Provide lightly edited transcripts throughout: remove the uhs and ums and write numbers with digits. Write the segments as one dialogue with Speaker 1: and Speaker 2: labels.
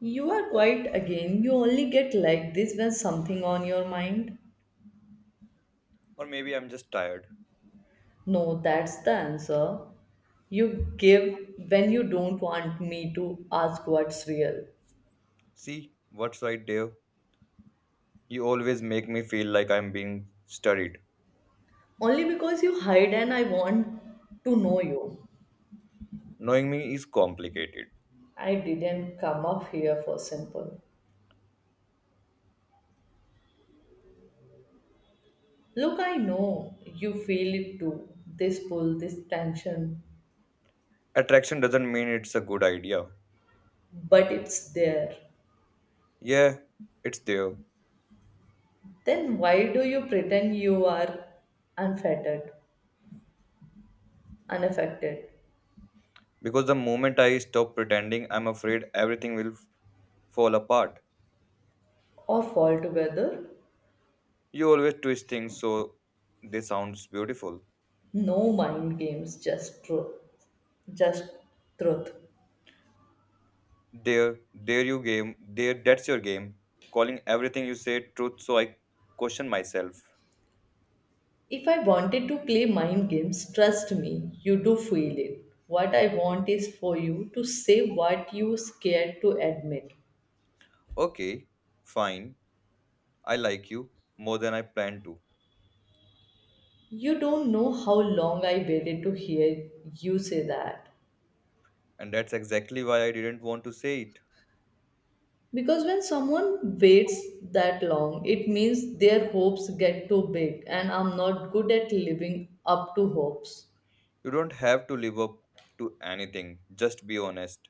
Speaker 1: You are quiet again. You only get like this when something on your mind.
Speaker 2: Or maybe I'm just tired.
Speaker 1: No, that's the answer. You give when you don't want me to ask what's real.
Speaker 2: See, what's right, Dave? You always make me feel like I'm being studied.
Speaker 1: Only because you hide and I want to know you.
Speaker 2: Knowing me is complicated.
Speaker 1: I didn't come up here for simple. Look, I know you feel it too. This pull, this tension,
Speaker 2: Attraction doesn't mean it's a good idea.
Speaker 1: but it's there.
Speaker 2: Yeah, it's there.
Speaker 1: Then why do you pretend you are unfettered, unaffected?
Speaker 2: Because the moment I stop pretending, I'm afraid everything will fall apart.
Speaker 1: Off altogether.
Speaker 2: You always twist things so they sounds beautiful.
Speaker 1: No mind games, just truth. Just truth.
Speaker 2: There you game. There, that's your game. Calling everything you say truth so I question myself.
Speaker 1: If I wanted to play mind games, trust me, you do feel it. What I want is for you to say what you scared to admit.
Speaker 2: Okay, fine. I like you more than I planned to,
Speaker 1: You don't know how long I waited to hear you say that.
Speaker 2: and that's exactly why I didn't want to say it.
Speaker 1: Because when someone waits that long, it means their hopes get too big, and I'm not good at living up to hopes.
Speaker 2: You don't have to live up to anything, just be honest.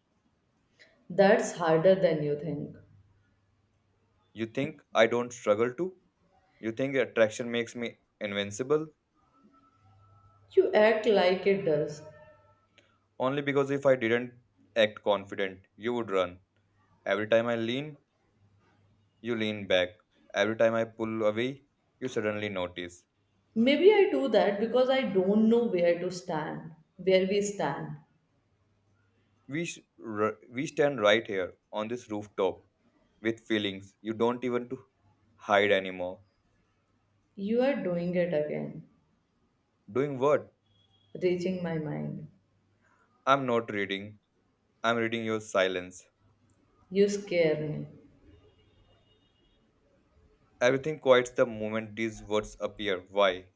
Speaker 1: That's harder than you think.
Speaker 2: You think I don't struggle to? You think attraction makes me invincible?
Speaker 1: You act like it does.
Speaker 2: Only because if I didn't act confident, you would run. Every time I lean, you lean back. Every time I pull away, you suddenly notice.
Speaker 1: Maybe I do that because I don't know where to stand, where we stand.
Speaker 2: We stand right here on this rooftop with feelings you don't even to hide anymore.
Speaker 1: You are doing it again,
Speaker 2: Doing what?
Speaker 1: reaching my mind.
Speaker 2: I'm not reading. I'm reading your silence.
Speaker 1: You scare me
Speaker 2: Everything quiets the moment these words appear. Why?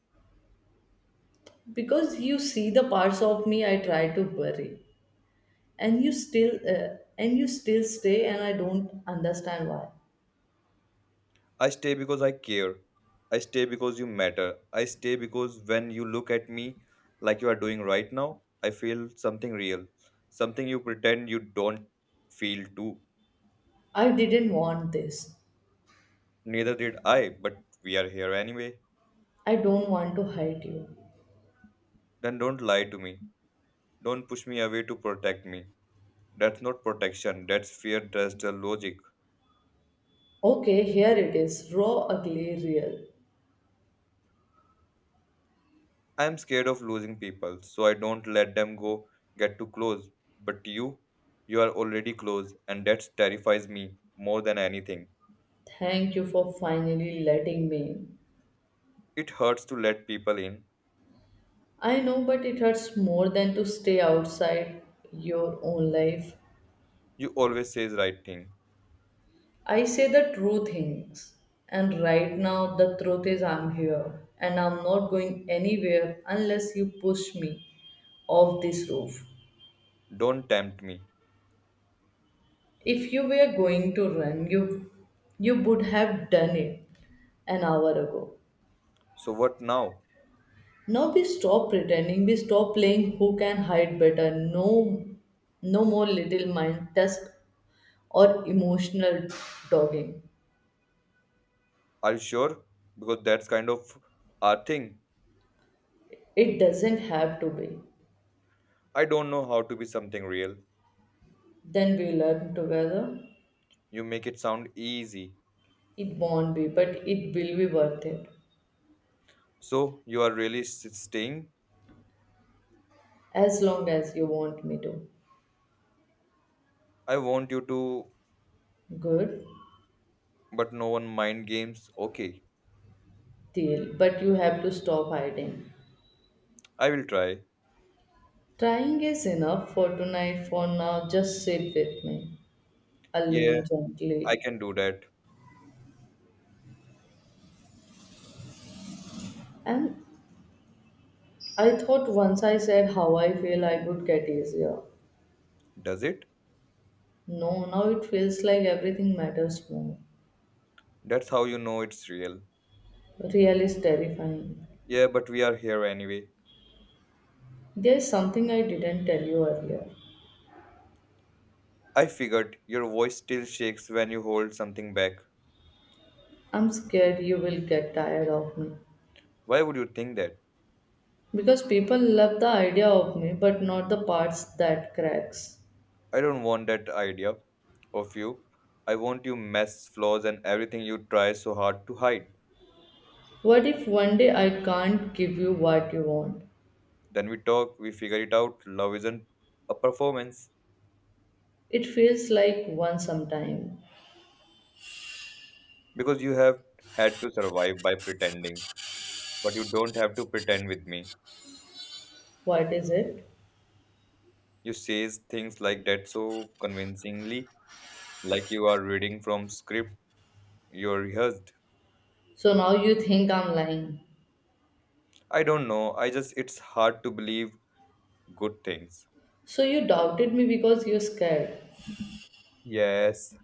Speaker 1: because you see the parts of me I try to bury, and you still stay, and I don't understand why.
Speaker 2: I stay because I care. I stay because you matter. I stay because when you look at me like you are doing right now, I feel something real. Something you pretend you don't feel too.
Speaker 1: I didn't want this.
Speaker 2: Neither did I, but we are here anyway.
Speaker 1: I don't want to hide you.
Speaker 2: Then don't lie to me. Don't push me away to protect me. That's not protection, that's fear, that's the logic.
Speaker 1: Okay, here it is, raw, ugly, real.
Speaker 2: I'm scared of losing people, so I don't let them go get too close. But you are already close, and that terrifies me more than anything.
Speaker 1: Thank you for finally letting me in.
Speaker 2: It hurts to let people in.
Speaker 1: I know, but it hurts more than to stay outside your own life.
Speaker 2: You always say the right thing.
Speaker 1: I say the true things, and right now the truth is I'm here and I'm not going anywhere unless you push me off this roof.
Speaker 2: Don't tempt me.
Speaker 1: If you were going to run, you would have done it an hour ago.
Speaker 2: So what now?
Speaker 1: Now we stop pretending, we stop playing who can hide better. No no more little mind test or emotional dogging.
Speaker 2: Are you sure? Because that's kind of our thing.
Speaker 1: It doesn't have to be.
Speaker 2: I don't know how to be something real.
Speaker 1: Then we learn together.
Speaker 2: You make it sound easy.
Speaker 1: It won't be, but it will be worth it.
Speaker 2: So you are really staying?
Speaker 1: As long as you want me to.
Speaker 2: I want you to,
Speaker 1: Good
Speaker 2: but no one mind games. Okay,
Speaker 1: deal. But you have to stop hiding.
Speaker 2: I will try.
Speaker 1: Trying is enough for tonight. For now, just sit with me. I
Speaker 2: Yeah,
Speaker 1: lean
Speaker 2: I
Speaker 1: gently.
Speaker 2: can do that.
Speaker 1: And I thought once I said how I feel, I would get easier.
Speaker 2: Does it?
Speaker 1: No, now it feels like everything matters more.
Speaker 2: That's how you know it's real.
Speaker 1: Real is terrifying.
Speaker 2: Yeah, but we are here anyway.
Speaker 1: There's something I didn't tell you earlier.
Speaker 2: I figured your voice still shakes when you hold something back.
Speaker 1: I'm scared you will get tired of me.
Speaker 2: Why would you think that?
Speaker 1: Because people love the idea of me, but not the parts that cracks.
Speaker 2: I don't want that idea of you. I want your mess, flaws, and everything you try so hard to hide.
Speaker 1: What if one day I can't give you what you want?
Speaker 2: Then we talk, we figure it out. Love isn't a performance
Speaker 1: It feels like one sometime.
Speaker 2: because you have had to survive by pretending, but you don't have to pretend with me.
Speaker 1: What is it?
Speaker 2: You say things like that so convincingly like you are reading from script you rehearsed.
Speaker 1: So now you think I'm lying.
Speaker 2: I don't know, I just, it's hard to believe good things.
Speaker 1: So you doubted me because you're scared.
Speaker 2: Yes.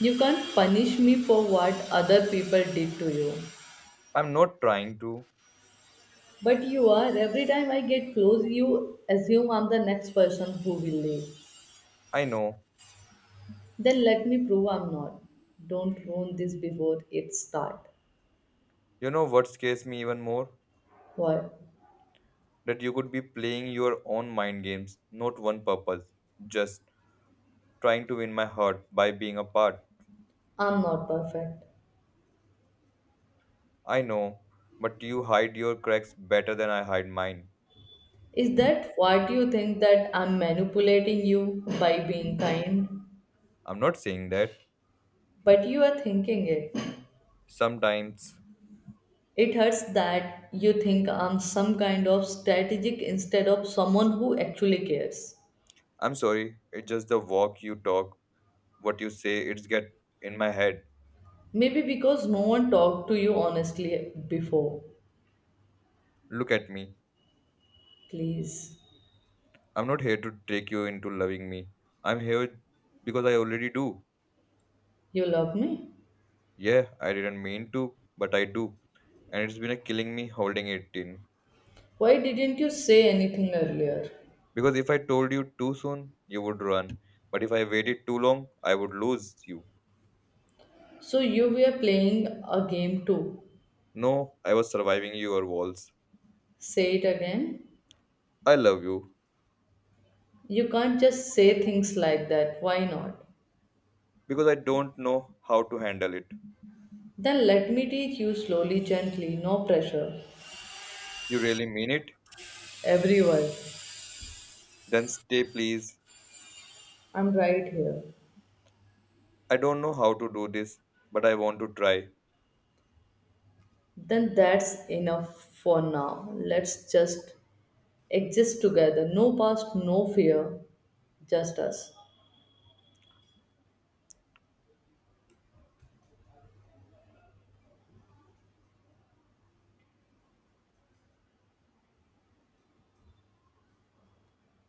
Speaker 1: You can't punish me for what other people did to you.
Speaker 2: I'm not trying to.
Speaker 1: But you are. Every time I get close, you assume I'm the next person who will leave.
Speaker 2: I know.
Speaker 1: Then let me prove I'm not. Don't ruin this before it starts.
Speaker 2: You know what scares me even more?
Speaker 1: Why?
Speaker 2: That you could be playing your own mind games, not one purpose, just trying to win my heart by being a part.
Speaker 1: I'm not perfect.
Speaker 2: I know, but you hide your cracks better than I hide mine.
Speaker 1: Is that what you think, that I'm manipulating you by being kind?
Speaker 2: I'm not saying that.
Speaker 1: But you are thinking it.
Speaker 2: Sometimes.
Speaker 1: It hurts that you think I'm some kind of strategic instead of someone who actually cares.
Speaker 2: I'm sorry, it's just the walk you talk, what you say, it's get in my head.
Speaker 1: Maybe because no one talked to you honestly before.
Speaker 2: Look at me.
Speaker 1: Please,
Speaker 2: I'm not here to trick you into loving me. I'm here because I already do.
Speaker 1: you love me?
Speaker 2: Yeah, I didn't mean to, but I do. And it's been a killing me holding it in.
Speaker 1: Why didn't you say anything earlier?
Speaker 2: Because if I told you too soon, you would run. But if I waited too long, I would lose you.
Speaker 1: So you were playing a game too.
Speaker 2: No, I was surviving your walls.
Speaker 1: Say it again.
Speaker 2: I love you
Speaker 1: You can't just say things like that. Why not?
Speaker 2: because I don't know how to handle it.
Speaker 1: Then let me teach you slowly, gently, no pressure.
Speaker 2: You really mean it?
Speaker 1: Everyone,
Speaker 2: Then stay, please.
Speaker 1: I'm right here.
Speaker 2: I don't know how to do this, but I want to try.
Speaker 1: Then that's enough for now. Let's just exist together. No past, no fear, just us.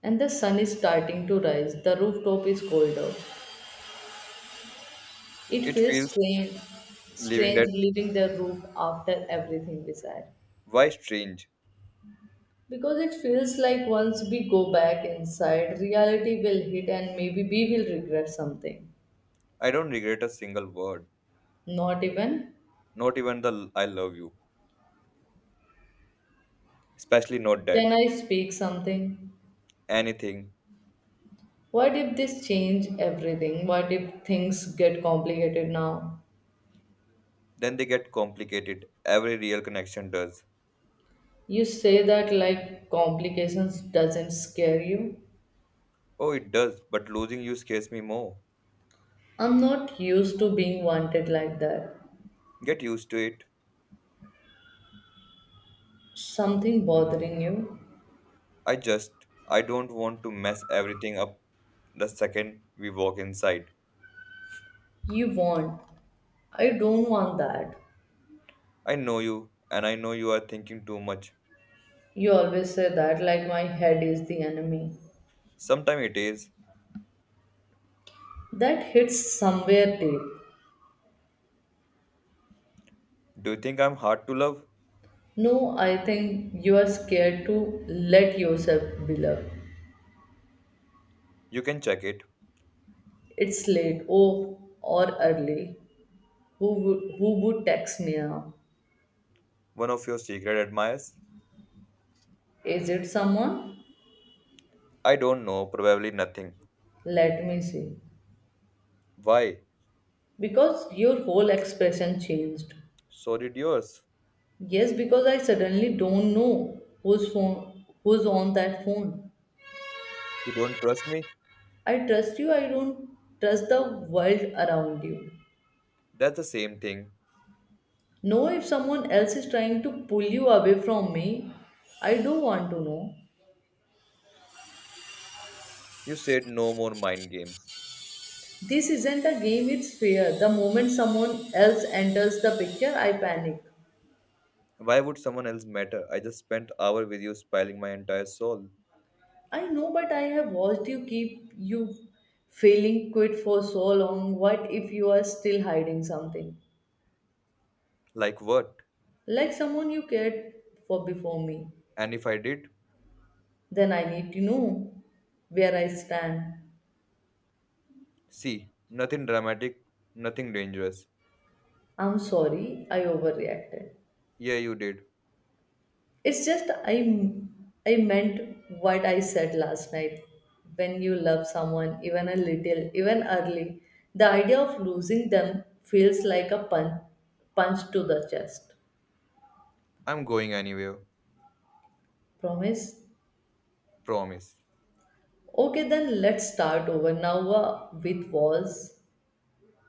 Speaker 1: And the sun is starting to rise. The rooftop is colder. It
Speaker 2: It
Speaker 1: feels
Speaker 2: feels
Speaker 1: strange,
Speaker 2: leaving
Speaker 1: strange
Speaker 2: that.
Speaker 1: leaving the roof after everything we said.
Speaker 2: Why strange?
Speaker 1: Because it feels like once we go back inside, reality will hit and maybe we will regret something.
Speaker 2: I don't regret a single word,
Speaker 1: Not even,
Speaker 2: not even the I love you, especially not
Speaker 1: can
Speaker 2: that.
Speaker 1: I speak something?
Speaker 2: Anything.
Speaker 1: What if this change everything? What if things get complicated now?
Speaker 2: Then they get complicated. Every real connection does.
Speaker 1: You say that like complications doesn't scare you.
Speaker 2: Oh, it does, but losing you scares me more.
Speaker 1: I'm not used to being wanted like that.
Speaker 2: Get used to it.
Speaker 1: Something bothering you?
Speaker 2: I just, I don't want to mess everything up the second we walk inside.
Speaker 1: You want. I don't want that.
Speaker 2: I know you, and I know you are thinking too much.
Speaker 1: You always say that like my head is the enemy.
Speaker 2: Sometime it is.
Speaker 1: That hits somewhere deep.
Speaker 2: Do you think I'm hard to love?
Speaker 1: No, I think you are scared to let yourself be loved.
Speaker 2: You can check it.
Speaker 1: It's late, oh, or early. Who would text me now?
Speaker 2: One of your secret admirers?
Speaker 1: Is it someone?
Speaker 2: I don't know, probably nothing.
Speaker 1: Let me see.
Speaker 2: Why?
Speaker 1: Because your whole expression changed.
Speaker 2: So did yours.
Speaker 1: Yes, because I suddenly don't know who's on that phone.
Speaker 2: You don't trust me?
Speaker 1: I trust you. I don't trust the world around you.
Speaker 2: That's the same thing.
Speaker 1: Know if someone else is trying to pull you away from me. I do want to know.
Speaker 2: You said no more mind games.
Speaker 1: This isn't a game, it's fair. The moment someone else enters the picture, I panic.
Speaker 2: Why would someone else matter? I just spent hour with you spilling my entire soul.
Speaker 1: I know, but I have watched you keep you feeling quit for so long. What if you are still hiding something?
Speaker 2: Like what?
Speaker 1: Like someone you cared for before me.
Speaker 2: And if I did?
Speaker 1: Then I need to know where I stand.
Speaker 2: See, nothing dramatic, nothing dangerous.
Speaker 1: I'm sorry I overreacted.
Speaker 2: Yeah, you did.
Speaker 1: It's just I meant what I said last night. When you love someone even a little, even early, the idea of losing them feels like a punch to the chest.
Speaker 2: I'm going anywhere.
Speaker 1: Promise?
Speaker 2: Promise.
Speaker 1: Okay, then let's start over now with walls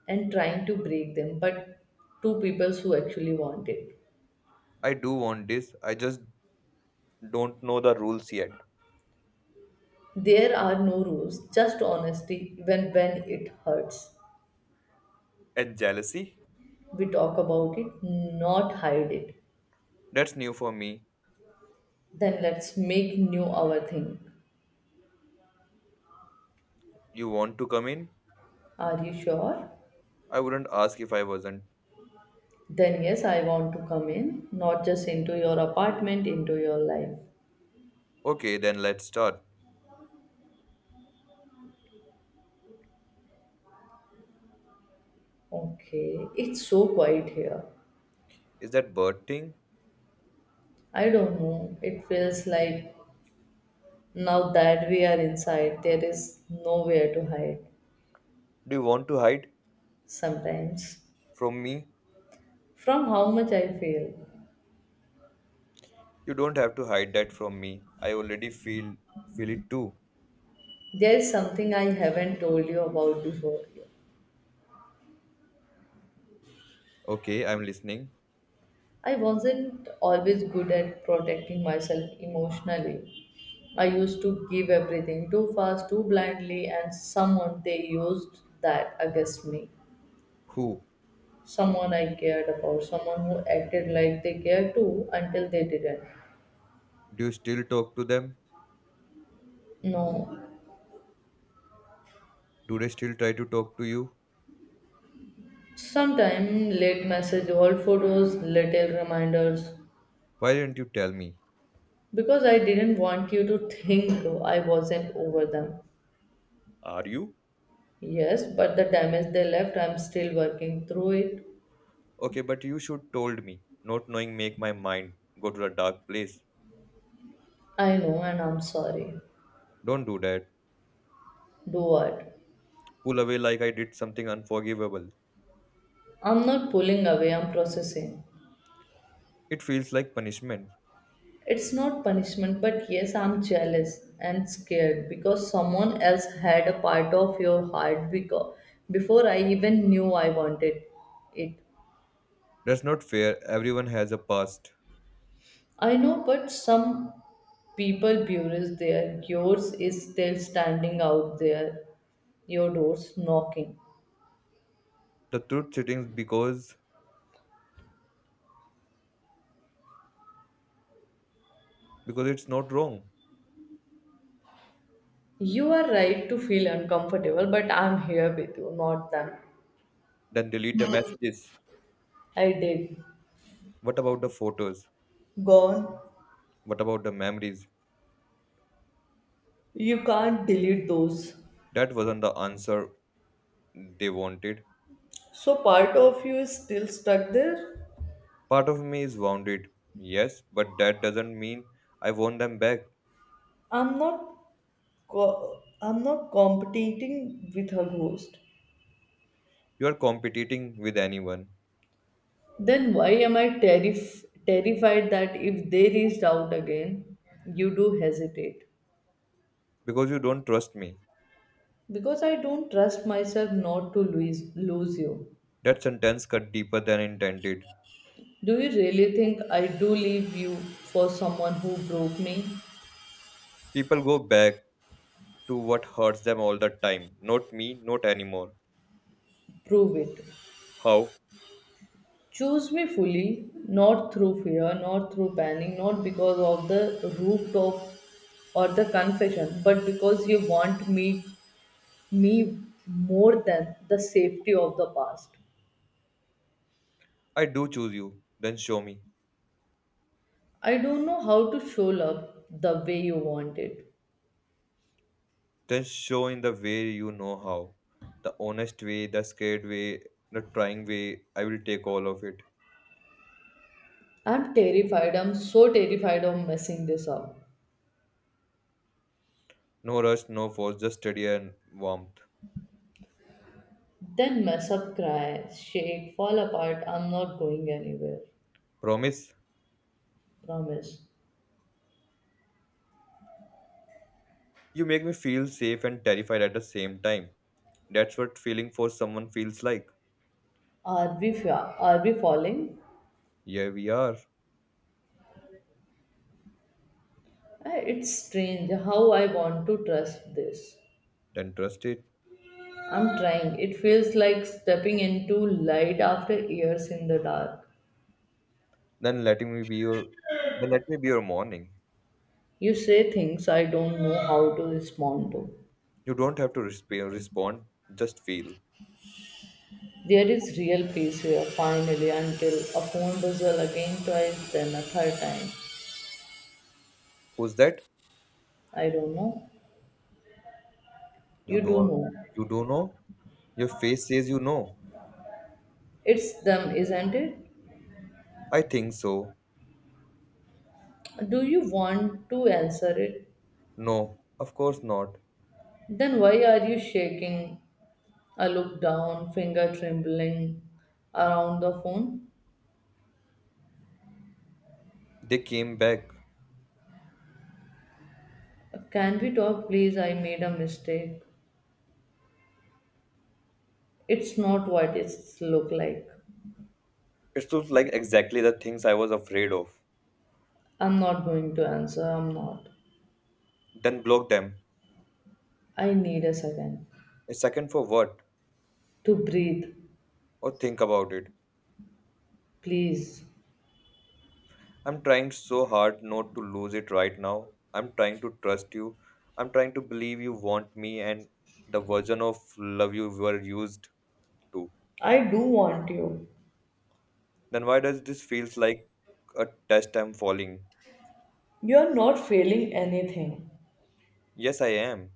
Speaker 1: and trying to break them, but two people who actually want it.
Speaker 2: I do want this. I just don't know the rules yet.
Speaker 1: There are no rules, just honesty even when it hurts.
Speaker 2: And jealousy?
Speaker 1: We talk about it, not hide it.
Speaker 2: That's new for me.
Speaker 1: Then let's make new our thing.
Speaker 2: You want to come in?
Speaker 1: Are you sure?
Speaker 2: I wouldn't ask if I wasn't.
Speaker 1: Then yes, I want to come in, not just into your apartment, into your life.
Speaker 2: Okay, then let's start.
Speaker 1: Okay, it's so quiet here.
Speaker 2: Is that bird thing?
Speaker 1: I don't know. It feels like now that we are inside, there is nowhere to hide
Speaker 2: Do you want to hide
Speaker 1: sometimes.
Speaker 2: from me?
Speaker 1: From how much I feel,
Speaker 2: You don't have to hide that from me. I already feel it too.
Speaker 1: there is something I haven't told you about before.
Speaker 2: Okay, I'm listening.
Speaker 1: I wasn't always good at protecting myself emotionally. I used to give everything too fast, too blindly, and someone they used that against me.
Speaker 2: Who?
Speaker 1: Someone I cared about, someone who acted like they cared too until they didn't.
Speaker 2: Do you still talk to them?
Speaker 1: No.
Speaker 2: Do they still try to talk to you?
Speaker 1: Sometime late message, old photos, little reminders.
Speaker 2: Why didn't you tell me?
Speaker 1: Because I didn't want you to think I wasn't over them.
Speaker 2: Are you?
Speaker 1: Yes, but the damage they left, I'm still working through it.
Speaker 2: Okay, but you should told me. Not knowing make my mind go to a dark place.
Speaker 1: I know and I'm sorry.
Speaker 2: Don't do that.
Speaker 1: Do what?
Speaker 2: Pull away like I did something unforgivable.
Speaker 1: I'm not pulling away, I'm processing.
Speaker 2: It feels like punishment.
Speaker 1: It's not punishment, but yes, I'm jealous and scared because someone else had a part of your heart, because before I even knew I wanted it.
Speaker 2: That's not fair. Everyone has a past.
Speaker 1: I know, but some people buries there. Yours is still standing out there, your door's knocking.
Speaker 2: The truth sitting because it's not wrong.
Speaker 1: You are right to feel uncomfortable, but I'm here with you, not them.
Speaker 2: Then delete the messages.
Speaker 1: I did.
Speaker 2: What about the photos?
Speaker 1: Gone.
Speaker 2: What about the memories?
Speaker 1: You can't delete those.
Speaker 2: That wasn't the answer they wanted.
Speaker 1: So part of you is still stuck there.
Speaker 2: Part of me is wounded, yes, but that doesn't mean I want them back.
Speaker 1: I'm not I'm not competing with her ghost.
Speaker 2: You are competing with anyone
Speaker 1: Then why am I terrified that if they reached out again, you do hesitate?
Speaker 2: because you don't trust me.
Speaker 1: Because I don't trust myself not to lose you.
Speaker 2: That sentence cut deeper than intended.
Speaker 1: Do you really think I do leave you for someone who broke me?
Speaker 2: People go back to what hurts them all the time. Not me, not anymore.
Speaker 1: Prove it.
Speaker 2: How?
Speaker 1: Choose me fully, not through fear, not through panic, not because of the rooftop or the confession, but because you want me more than the safety of the past.
Speaker 2: I do choose you. Then show me.
Speaker 1: I don't know how to show love the way you want it.
Speaker 2: Then show in the way you know how. The honest way, the scared way, the trying way. I will take all of it.
Speaker 1: I'm terrified, I'm so terrified of messing this up.
Speaker 2: No rush, no force, just steady and warmth.
Speaker 1: Then mess up, cry, shake, fall apart. I'm not going anywhere.
Speaker 2: Promise?
Speaker 1: Promise.
Speaker 2: You make me feel safe and terrified at the same time. That's what feeling for someone feels like.
Speaker 1: Are we falling?
Speaker 2: Here we are.
Speaker 1: It's strange how I want to trust this.
Speaker 2: Then trust it.
Speaker 1: I'm trying. It feels like stepping into light after years in the dark.
Speaker 2: Then letting me be your then let me be your morning.
Speaker 1: You say things I don't know how to respond to.
Speaker 2: You don't have to respond. Just feel.
Speaker 1: There is real peace here, finally, until a phone buzzer again twice, then a third time.
Speaker 2: Who's that?
Speaker 1: I don't know.
Speaker 2: You
Speaker 1: You do
Speaker 2: don't
Speaker 1: know.
Speaker 2: you don't know? Your face says you know.
Speaker 1: It's them, isn't it?
Speaker 2: I think so.
Speaker 1: Do you want to answer it?
Speaker 2: No, of course not.
Speaker 1: Then why are you shaking? I look down, finger trembling around the phone.
Speaker 2: They came back.
Speaker 1: Can we talk, please? I made a mistake. It's not what it's look like.
Speaker 2: It looks like exactly the things I was afraid of.
Speaker 1: I'm not going to answer. I'm not.
Speaker 2: Then block them.
Speaker 1: I need a second
Speaker 2: A second for what?
Speaker 1: to breathe,
Speaker 2: Or think about it.
Speaker 1: please.
Speaker 2: I'm trying so hard not to lose it right now. I'm trying to trust you. I'm trying to believe you want me and the version of love you were used to.
Speaker 1: I do want you.
Speaker 2: Then why does this feels like a test I'm falling?
Speaker 1: You are not failing anything.
Speaker 2: Yes, I am.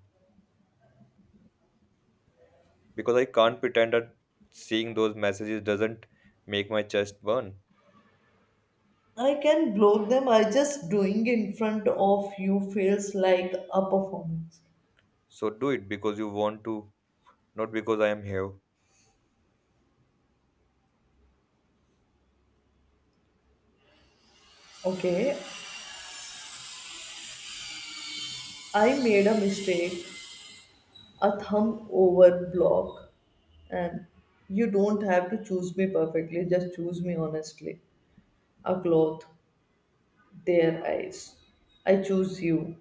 Speaker 2: Because I can't pretend that seeing those messages doesn't make my chest burn.
Speaker 1: I can block them. I just doing in front of you feels like a performance.
Speaker 2: So do it because you want to, not because I am here.
Speaker 1: Okay, I made a mistake, a thumb over block, and you don't have to choose me perfectly. Just choose me honestly. A cloth, their eyes. I choose you,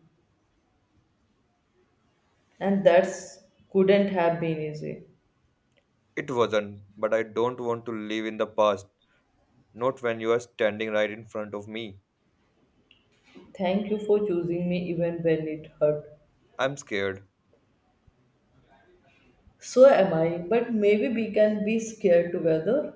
Speaker 1: and that couldn't have been easy.
Speaker 2: It wasn't, but I don't want to live in the past. Not when you are standing right in front of me.
Speaker 1: Thank you for choosing me even when it hurt.
Speaker 2: I'm scared.
Speaker 1: So am I, but maybe we can be scared together.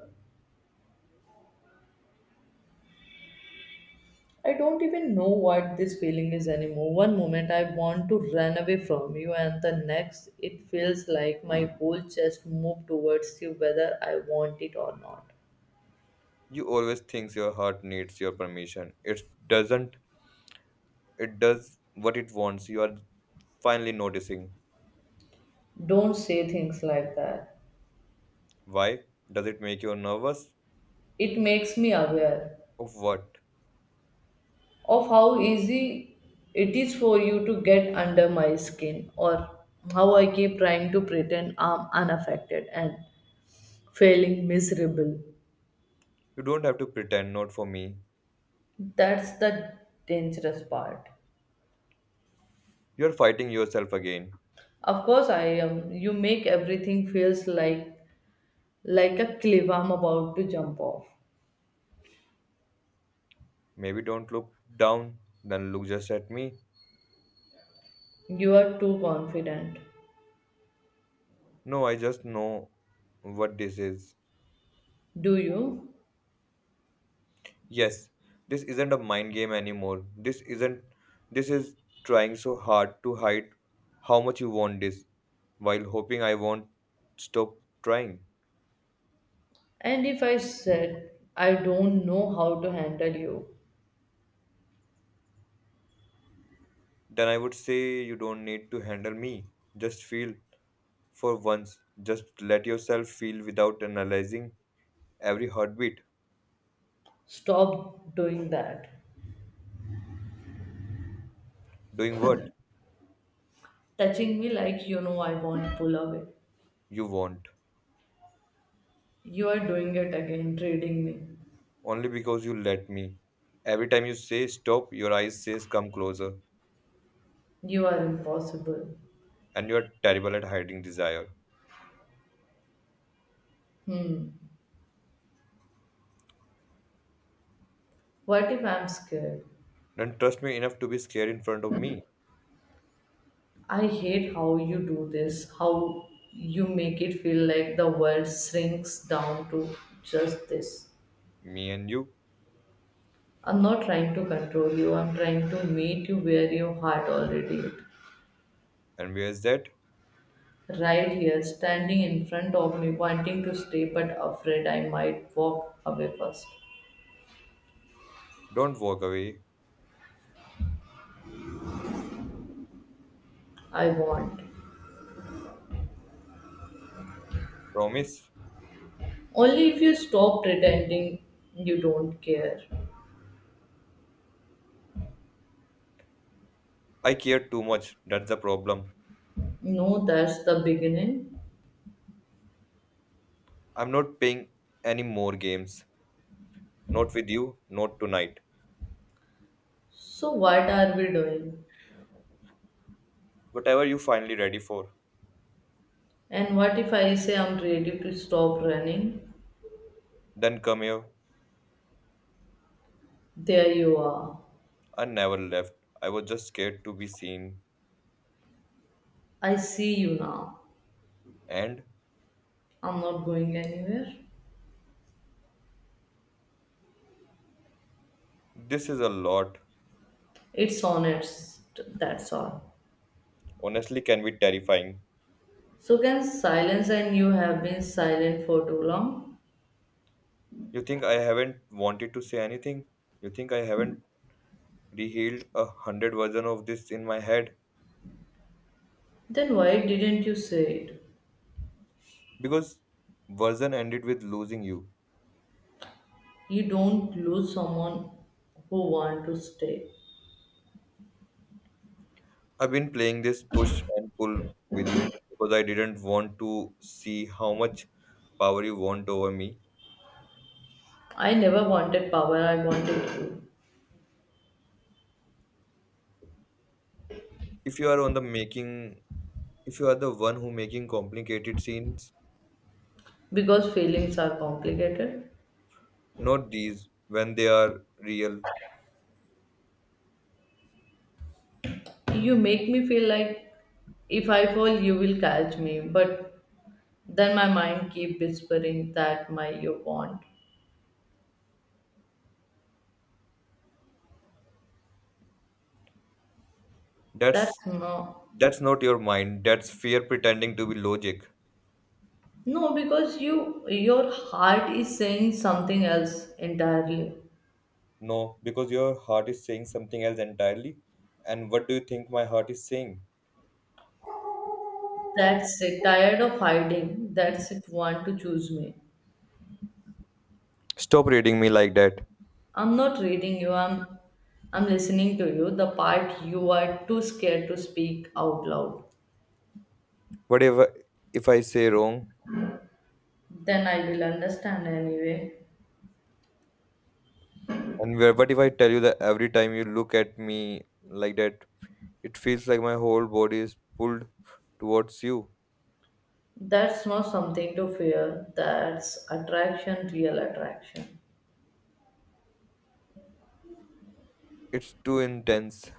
Speaker 1: I don't even know what this feeling is anymore. One moment I want to run away from you, and the next it feels like my whole chest moved towards you, whether I want it or not.
Speaker 2: You always think your heart needs your permission. It doesn't. It does what it wants. You are finally noticing.
Speaker 1: Don't say things like that.
Speaker 2: Why? Does it make you nervous?
Speaker 1: It makes me aware
Speaker 2: Of what?
Speaker 1: of how easy it is for you to get under my skin, or how I keep trying to pretend I'm unaffected and failing miserable.
Speaker 2: You don't have to pretend, not for me.
Speaker 1: That's the dangerous part.
Speaker 2: You're fighting yourself again.
Speaker 1: Of course I am, you make everything feels like a cliff I'm about to jump off.
Speaker 2: Maybe don't look down, then look just at me.
Speaker 1: You are too confident.
Speaker 2: No, I just know what this is.
Speaker 1: Do you?
Speaker 2: Yes, this isn't a mind game anymore. This isn't. This is trying so hard to hide how much you want this while hoping I won't stop trying.
Speaker 1: And if I said I don't know how to handle you,
Speaker 2: Then I would say you don't need to handle me. Just feel for once. Just let yourself feel without analyzing every heartbeat.
Speaker 1: stop doing that.
Speaker 2: Doing what
Speaker 1: Touching me like you know I won't pull away.
Speaker 2: you want.
Speaker 1: You are doing it again, trading me.
Speaker 2: Only because you let me. Every time you say stop, your eyes says come closer.
Speaker 1: You are impossible.
Speaker 2: And you are terrible at hiding desire.
Speaker 1: Hmm. What if I'm scared?
Speaker 2: Don't trust me enough to be scared in front of me,
Speaker 1: I hate how you do this, how you make it feel like the world shrinks down to just this.
Speaker 2: me and you.
Speaker 1: I'm not trying to control you, I'm trying to meet you where your heart already is.
Speaker 2: And where's that?
Speaker 1: Right here, standing in front of me, wanting to stay but afraid I might walk away first.
Speaker 2: Don't walk away.
Speaker 1: I want.
Speaker 2: Promise?
Speaker 1: Only if you stop pretending you don't care.
Speaker 2: I care too much. That's the problem.
Speaker 1: No, that's the beginning.
Speaker 2: I'm not playing any more games. Not with you, not tonight.
Speaker 1: So, what are we doing?
Speaker 2: Whatever you finally ready for.
Speaker 1: And what if I say I'm ready to stop running?
Speaker 2: Then come here.
Speaker 1: There you are.
Speaker 2: I never left. I was just scared to be seen.
Speaker 1: I see you now.
Speaker 2: And
Speaker 1: I'm not going anywhere.
Speaker 2: this is a lot.
Speaker 1: It's honest, that's all.
Speaker 2: Honestly, can be terrifying.
Speaker 1: So, can silence, and you have been silent for too long?
Speaker 2: You think I haven't wanted to say anything? You think I haven't rehealed a hundred version of this in my head?
Speaker 1: Then why didn't you say it?
Speaker 2: Because version ended with losing you.
Speaker 1: You don't lose someone who want to stay.
Speaker 2: I've been playing this push and pull with you because I didn't want to see how much power you want over me.
Speaker 1: I never wanted power, I wanted you.
Speaker 2: If you are on the making, if you are the one who making complicated scenes,
Speaker 1: Because feelings are complicated.
Speaker 2: not these when they are real.
Speaker 1: You make me feel like if I fall, you will catch me, but then my mind keep whispering that my you want.
Speaker 2: That's
Speaker 1: That's no,
Speaker 2: that's not your mind. That's fear pretending to be logic.
Speaker 1: No, because you your heart is saying something else entirely.
Speaker 2: No, because your heart is saying something else entirely. And what do you think my heart is saying?
Speaker 1: That's it. Tired of hiding. That's it. Want to choose me.
Speaker 2: Stop reading me like that.
Speaker 1: I'm not reading you. I'm listening to you. The part you are too scared to speak out loud.
Speaker 2: What if I- If I say wrong?
Speaker 1: Then I will understand anyway.
Speaker 2: And what if I tell you that every time you look at me like that, it feels like my whole body is pulled towards you.
Speaker 1: That's not something to fear. That's attraction, real attraction.
Speaker 2: It's too intense.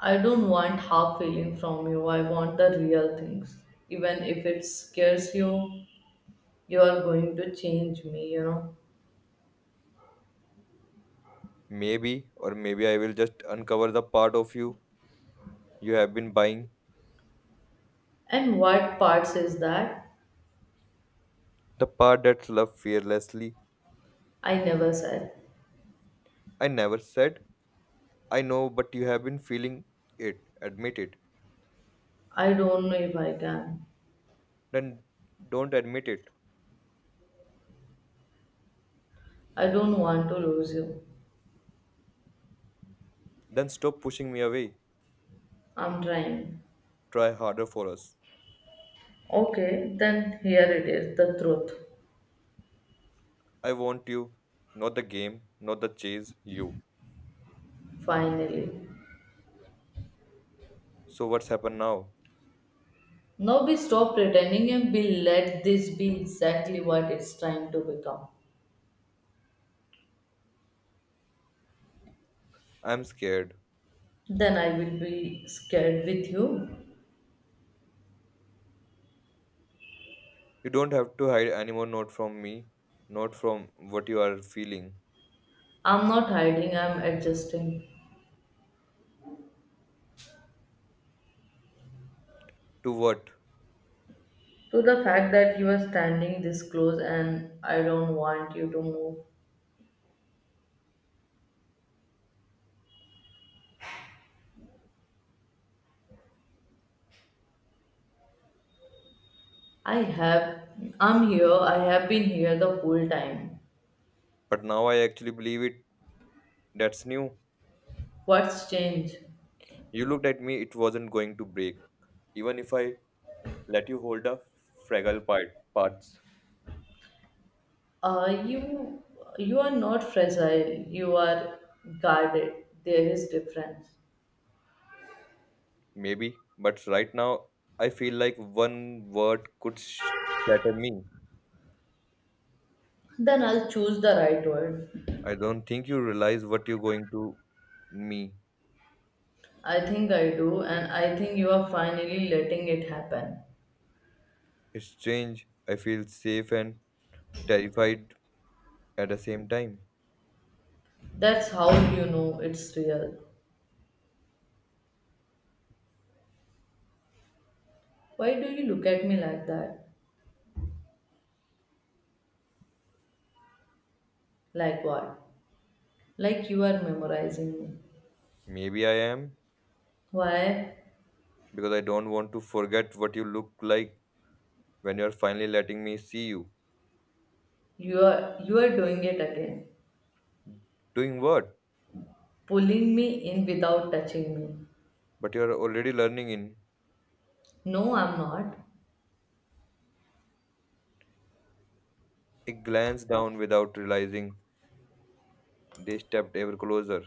Speaker 1: I don't want half feeling from you. I want the real things. Even if it scares you, you are going to change me, you know.
Speaker 2: Maybe, or maybe I will just uncover the part of you you have been buying,
Speaker 1: And what parts is that?
Speaker 2: the part that's loved fearlessly.
Speaker 1: I never said.
Speaker 2: I never said, I know, but you have been feeling it. Admit it.
Speaker 1: I don't know if I can.
Speaker 2: Then don't admit it.
Speaker 1: I don't want to lose you.
Speaker 2: Then stop pushing me away.
Speaker 1: I'm trying.
Speaker 2: Try harder for us.
Speaker 1: Okay, then here it is the truth.
Speaker 2: I want you, not the game, not the chase, you.
Speaker 1: Finally.
Speaker 2: So what's happened now?
Speaker 1: Now we stop pretending and we let this be exactly what it's trying to become.
Speaker 2: I'm scared.
Speaker 1: Then I will be scared with you.
Speaker 2: You don't have to hide anymore, not from me, not from what you are feeling.
Speaker 1: I'm not hiding, I'm adjusting
Speaker 2: To what?
Speaker 1: to the fact that you are standing this close and I don't want you to move. I have, I'm here, I have been here the whole time.
Speaker 2: But now I actually believe it. That's new.
Speaker 1: What's changed?
Speaker 2: You looked at me, it wasn't going to break. Even if I let you hold the parts,
Speaker 1: Uh, you, you are not fragile, you are guarded. There is difference.
Speaker 2: maybe. But right now, I feel like one word could shatter me.
Speaker 1: Then I'll choose the right word.
Speaker 2: I don't think you realize what you're going to me.
Speaker 1: I think I do, and I think you are finally letting it happen.
Speaker 2: It's strange. I feel safe and terrified at the same time.
Speaker 1: That's how you know it's real. Why do you look at me like that? Like what? Like you are memorizing me.
Speaker 2: Maybe I am
Speaker 1: Why?
Speaker 2: because I don't want to forget what you look like when you're finally letting me see you.
Speaker 1: You are doing it again.
Speaker 2: Doing what?
Speaker 1: Pulling me in without touching me.
Speaker 2: But you're already learning in.
Speaker 1: No, I'm not.
Speaker 2: I glance down without realizing they stepped ever closer.